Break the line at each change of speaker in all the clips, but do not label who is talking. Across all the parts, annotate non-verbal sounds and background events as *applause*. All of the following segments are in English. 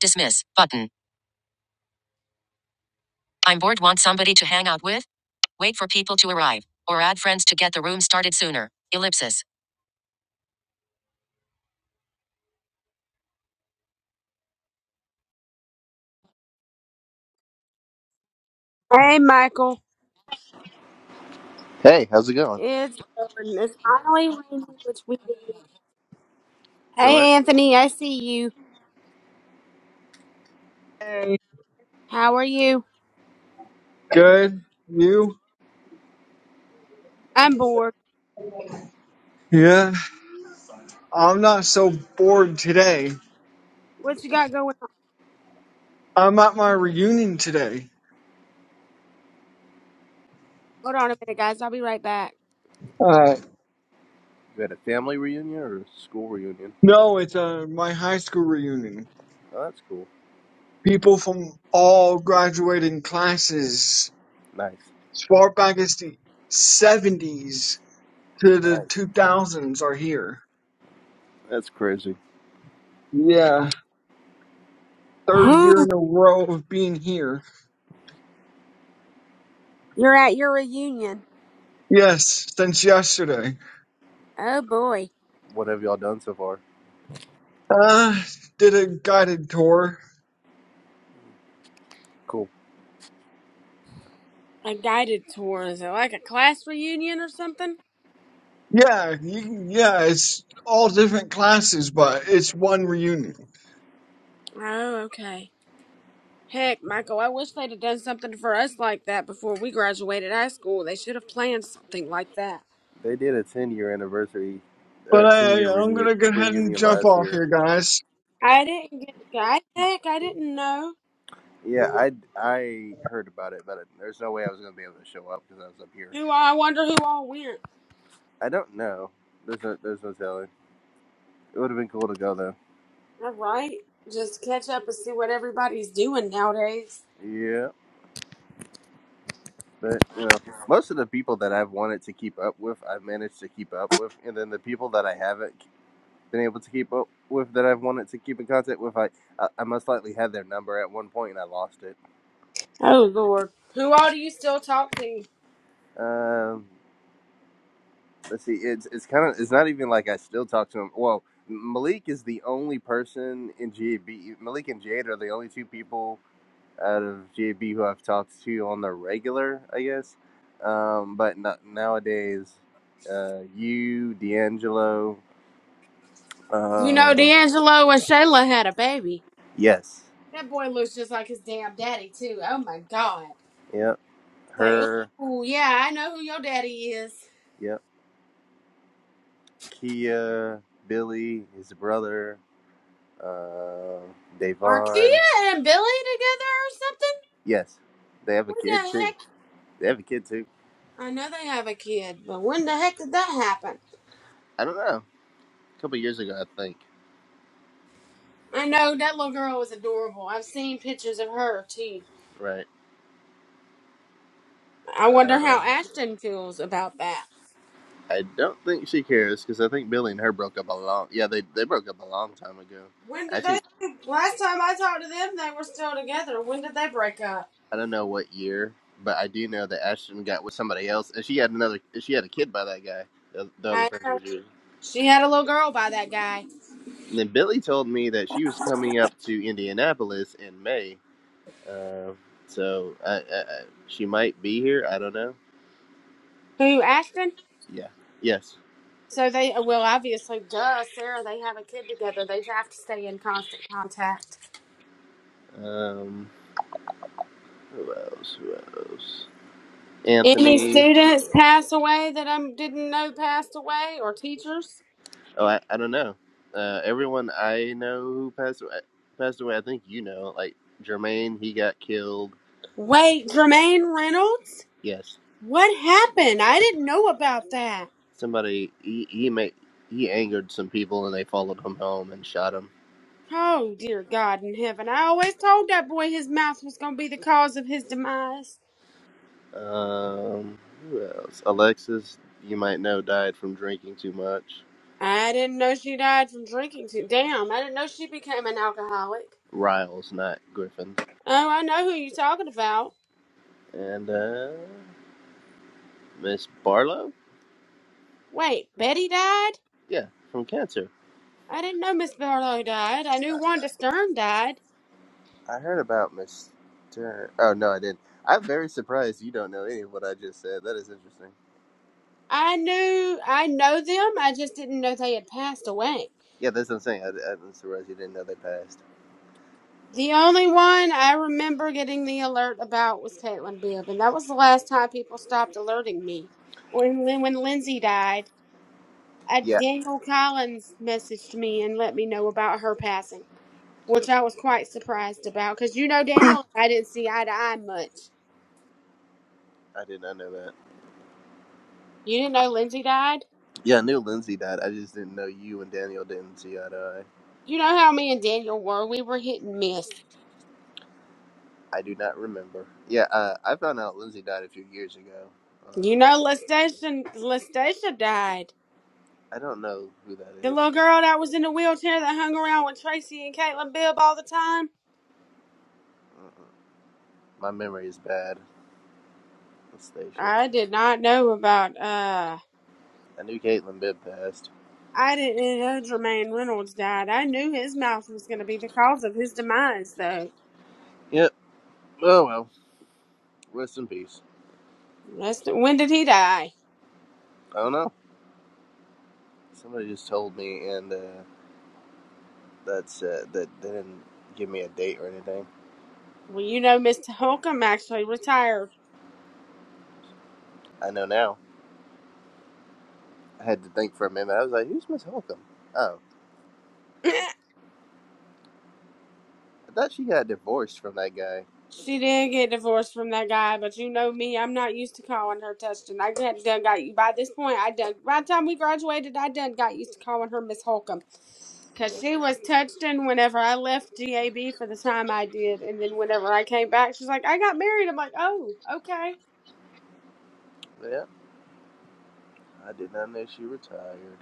Dismiss button. I'm bored, want somebody to hang out with? Wait for people to arrive, or add friends to get the room started sooner. Ellipsis. Hey, Michael.
Hey, how's it going?
It's Dawn. It's finally raining, which we did.
So what?
Hey, Anthony. I see you.
Hey,
How are you?
good. You?
I'm bored.
Yeah. I'm not so bored today.
What you got going on?
I'm at my reunion today.
Hold on a minute, guys. I'll be right back.
Uh,
You had a family reunion or a school reunion?
no, it's uh, my high school reunion.
Oh, that's cool.
People from all graduating classes,
Nice.
as far back as the 70s to the
Nice.
2000s, are here.
That's crazy.
Yeah. Third year
Whew.
in a row of being here.
You're at your reunion.
Yes, since yesterday.
Oh, boy.
What have y'all done so far?
Uh, did a guided tour
Cool.
A guided tour. Is it like a class reunion or something?
Yeah, you, can- yeah, it's all different classes, but it's one reunion.
Oh, okay. Heck, Michael, I wish they'd have done something for us like that before we graduated high school. They should have planned something like that.
They did a 10 year anniversary,
But
or 10 year
I, I'm
reunion,
gonna go ahead and
reunion
jump
last
off
year.
here, guys.
I didn't get I heck, I didn't know.
Yeah, I, I heard about it, but there's no way I was going to be able to show up because I was up here.
Who I wonder who all went.
I don't know. There's no, there's no telling. It would have been cool to go though.
All right. Just catch up and see what everybody's doing nowadays.
Yeah, but you know, most of the people that I've wanted to keep up with, I've managed to keep up with, and then the people that I haven't been able to keep up with that I've wanted to keep in contact with. I I, most likely had their number at one point and I lost it.
Oh Lord. Who all do you still talk to?
Um, let's see. It's it's kind of it's not even like I still talk to them. Well, Malik is the only person in GAB. Malik and Jade are the only two people out of GAB who I've talked to on the regular, I guess. Um, but no nowadays, uh, you, D'Angelo,
You know
um,
D'Angelo and Shayla had a baby.
yes,
That boy looks just like his damn daddy too. Oh my god.
yep,
Like,
her,
oh yeah, I know who your daddy is.
yep Kia, Billy, his brother, uh,
Are Kia
Davon.
and Billy together or something?
Yes, they have a
When
kid
the
too.
heck?
They have a kid too.
I know they have a kid, but when the heck did that happen?
I don't know. A couple years ago, I think.
I know that little girl was adorable. I've seen pictures of her too.
Right.
I wonder how
Um,
Ashton feels about that.
I don't think she cares because I think Billy and her broke up a long. Yeah, they they broke up a long time ago.
When
I
did they?
think
Last time I talked to them, they were still together. When did they break up?
I don't know what year, but I do know that Ashton got with somebody else, and she had another. She had a kid by that guy. The, the other
I
person was you.
She had a little girl by that guy.
And then Billy told me that she was coming up to Indianapolis in May Um, so I, I, I, she might be here. I don't know.
Who Ashton?
Yeah. Yes.
So they well obviously duh Sarah they have a kid together they have to stay in constant contact.
Um, who else? Who else?
Any
Anthony.
students pass away that I didn't know passed away or teachers?
Oh, I, I don't know. Uh, everyone I know who passed away, passed away. I think you know. Like Jermaine, he got killed.
Wait, Jermaine Reynolds?
Yes.
What happened? I didn't know about that.
Somebody. He he made he angered some people and they followed him home and shot him.
Oh, dear God in heaven. I always told that boy his mouth was going to be the cause of his demise.
Um, who else? Alexis, you might know, died from drinking too much.
I didn't know she died from drinking too. Damn, I didn't know she became an alcoholic.
Riles, not Griffin.
Oh, I know who you're talking about.
and uh, Miss Barlow.
Wait, Betty died?
Yeah, from Cancer.
I didn't know Miss Barlow died. I
I,
knew Wanda Stern died.
I heard about Miss. Turner. Oh no, I didn't. I'm very surprised you don't know any of what I just said. That is interesting.
I knew, I know them. I just didn't know they had passed away.
Yeah, that's what I'm saying. I, I'm surprised you didn't know they passed.
The only one I remember getting the alert about was Caitlin Beard, and that was the last time people stopped alerting me. When Lin- when Lindsay died, I,
Yeah,
Daniel Collins messaged me and let me know about her passing, which I was quite surprised about because you know Daniel, and I didn't see eye to eye much.
I did not know that.
You didn't know Lindsay died.
Yeah, I knew Lindsay died. I just didn't know you and Daniel didn't see eye to
You know how me and Daniel were. We were hit and miss.
eye. I do not remember. Yeah, uh, I found out Lindsay died a few years ago.
You
Uh,
know, Lestation Lestacia died.
I don't know who that
The
is.
little girl that was in the wheelchair that hung around with Tracy and Caitlin Bibb all the time.
Mm-mm. My memory is bad. Stacia.
I did not know about uh
I knew Caitlin Bibb passed.
I didn't know Jermaine Reynolds died. I knew his mouth was gonna be the cause of his demise though.
Yep. Oh well, rest in peace.
That's the, when did he die?
I don't know. Somebody just told me, and uh, that's uh, that they didn't give me a date or anything.
Well you know Mr. Holcomb actually retired.
I know now. I had to think for a minute. I was like, "Who's Miss Holcomb?" Oh,
*laughs* *clears throat*
I thought she got divorced from that guy.
She did get divorced from that guy, but you know me, I'm not used to calling her Tustin. I done, done got you. By this point, I done. By the time we graduated, I done got used to calling her Miss Holcomb. Because
Yeah,
she was Touchton whenever I left GAB for the time I did. And then whenever I came back, she's like, I got married. I'm like, oh, okay.
yeah I did not know she retired.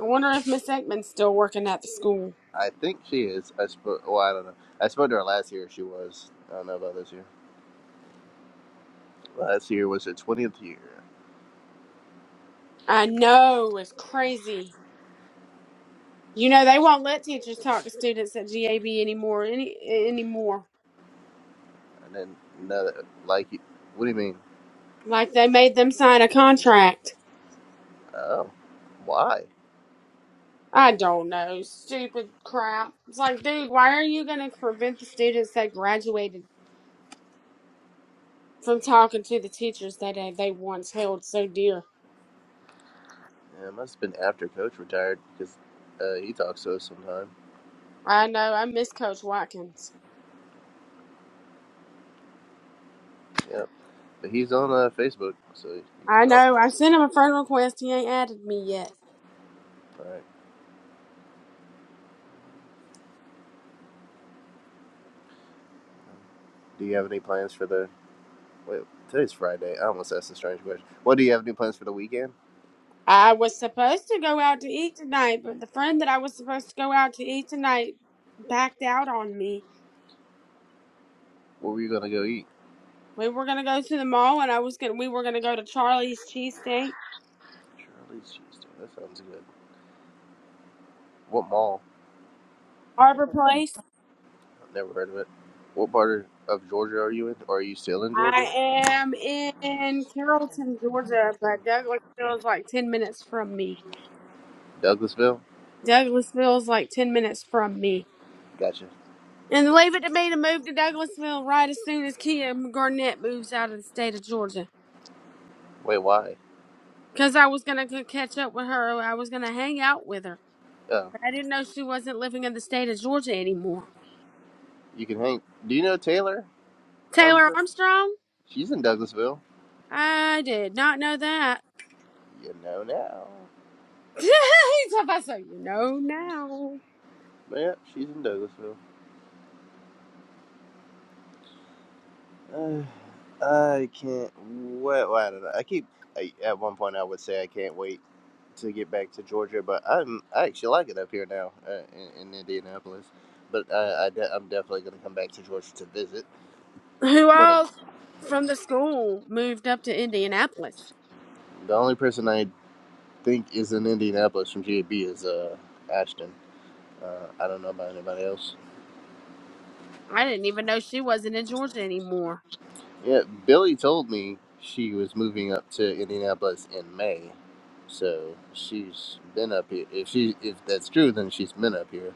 I wonder if Miss Ekman's still working at the school.
I think she is. I spoke. Well, I don't know. I spoke to her last year. She was. I don't know about this year. Last year was her twentieth year,
I know, it's crazy. You know, they won't let teachers talk to students at GAB anymore. Any, anymore.
and then another. Like, what do you mean?
Like, they made them sign a contract.
Oh, why?
I don't know. Stupid crap. It's like, dude, why are you going to prevent the students that graduated from talking to the teachers that uh, they once held so dear?
Yeah, it must have been after Coach retired because uh, he talks to us sometime.
I know. I miss Coach Watkins.
Yeah, but he's on uh, Facebook, so you can
I
talk. to
know.
him.
I sent him a friend request. He ain't added me yet.
All right. Do you have any plans for the? Wait, today's Friday. I almost asked a strange question. What do you have any plans for the weekend?
I was supposed to go out to eat tonight, but the friend that I was supposed to go out to eat tonight backed out on me.
What were you gonna go eat?
We were gonna go to the mall, and I was gonna. We were gonna go to Charlie's Cheesesteak
Charlie's Cheese. Town. That sounds good. What mall?
Harbor Place,
I've never heard of it. What part of Georgia are you in? Or are you still in Georgia?
I am in Carrollton, Georgia, but Douglasville is like 10 minutes from me.
Douglasville.
Douglasville is like 10 minutes from me.
Gotcha.
And the leave it to me to move to Douglasville right as soon as Kia Garnett moves out of the state of Georgia.
Wait, why?
Because I was going to catch up with her. I was going to hang out with her.
Oh,
But I didn't know she wasn't living in the state of Georgia anymore.
you can hang. Do you know Taylor? I'm
Taylor
sure
Armstrong?
she's in Douglasville.
I did not know that.
You know now.
*laughs* He's about so you know now.
Yep, she's in Douglasville. *sighs* Uh, I can't wait. Well, I don't know. I keep. I, at one point, I would say I can't wait to get back to Georgia, but I'm. I actually like it up here now uh, in, in Indianapolis. But I, I de- I'm definitely going to come back to Georgia to visit.
who
But *laughs* I-
else from the school moved up to Indianapolis.
the only person I think is in Indianapolis from GAB is uh, Ashton. Uh, I don't know about anybody else.
I didn't even know she wasn't in Georgia anymore.
Yeah, Billy told me she was moving up to Indianapolis in May, so she's been up here. If she if that's true, then she's been up here.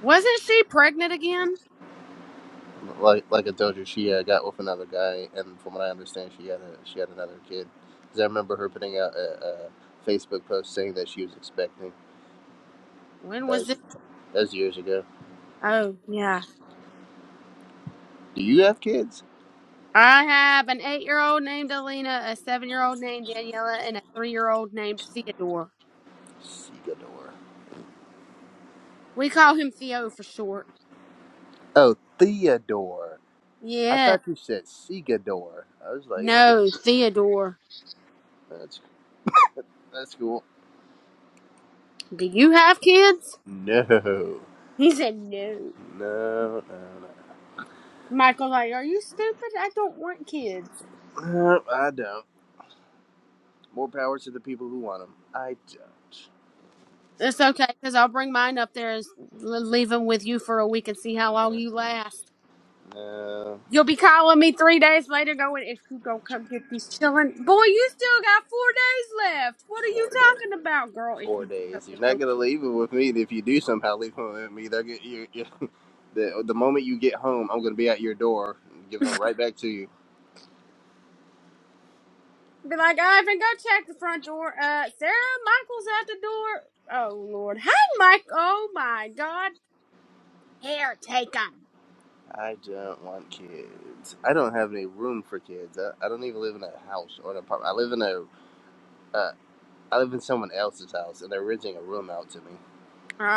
Wasn't she pregnant again?
Like like I told you, she uh, got with another guy, and from what I understand, she had a she had another kid. Because I remember her putting out a, a Facebook post saying that she was expecting.
When
That
was
was
it?
that was years ago.
Oh, yeah.
Do you have kids?
I have an eight year old named Alina, a seven year old named Daniela, and a three year old named Theodore.
Segador.
We call him Theo for short.
Oh, Theodore. I
Yeah.
thought you said Segador. I was like, that's a
No, Theodore.
that's that's cool.
Do you have kids?
No, *laughs* no,
He said no.
no, no.
Michael's like, Are you stupid? I don't want kids.
Nope, I don't. More power to the people who want them. I don't.
It's okay, because I'll bring mine up there and s- l- leave them with you for a week and see how long you
Uh,
last.
no,
You'll be calling me three days later going, if you don't come get these children. Boy, you still got four days left. What are you
four days.
talking about, girl, if
Four
you don't come
days.
get
You're
your
not gonna leave it with me. If you do somehow leave it with me, they're get you. you *laughs* the the moment you get home, I'm gonna be at your door, giving them right back to you.
*laughs* Be like, Ivan, go check the front door. Uh, Sarah, Michael's at the door. Oh, Lord. Hey, Mike. Oh, my God. Here, take 'em.
I don't want kids. I don't have any room for kids. I, I don't even live in a house or an apartment. I live in a. Uh, I live in someone else's house, and they're renting a room out to me.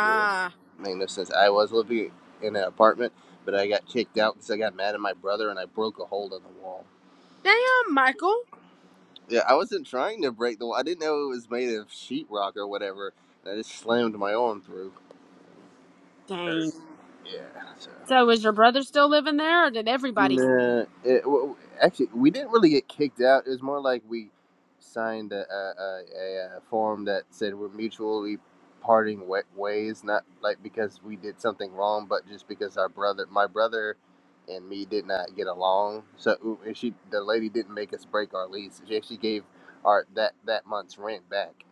to make no sense. I was living in an apartment, but I got kicked out because I got mad at my brother and I broke a hole in the wall.
damn, Michael.
Yeah, I wasn't trying to break the wall. I didn't know it was made of sheetrock or whatever. I just slammed my arm through. Er,
Dang.
Yeah. so.
So is your brother still living there, or did everybody get?
Nah, it, w- w- actually, we didn't really get kicked out. It was more like we signed a, a, a, a form that said we're mutually parting wa- ways, not like because we did something wrong, but just because our brother, my brother, and me did not get along. So and she, the lady, didn't make us break our lease. She actually gave our that that month's rent back.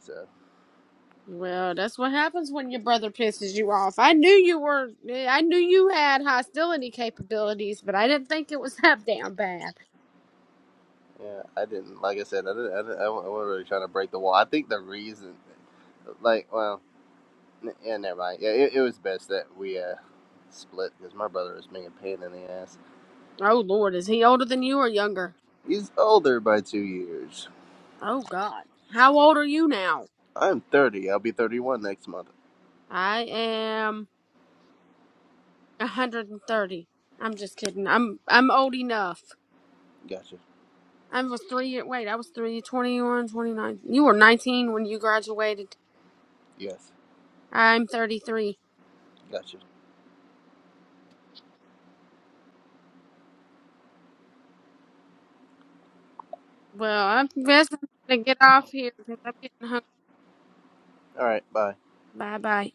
So
Well, that's what happens when your brother pisses you off. I knew you were, I knew you had hostility capabilities, but I didn't think it was *laughs* that damn bad.
yeah, I didn't. Like I said, I didn't. I, didn't, I wa- I wasn't really trying to break the wall. I think the reason, like, well. Yeah, never mind. Yeah, it, it was best that we uh, split because my brother was being a pain in the ass.
Oh Lord, is he older than you or younger?
He's older by two years.
Oh God, how old are you now?
I'm 30. I'll be 31 next month.
I am a hundred and thirty. I'm just kidding. I'm I'm old enough.
Gotcha.
I was three. Wait, I was three, 21, twenty-nine. You were nineteen when you graduated.
Yes.
I'm thirty three.
Gotcha.
Well, I'm best to get off here because I'm getting hungry.
All right. Bye.
Bye bye.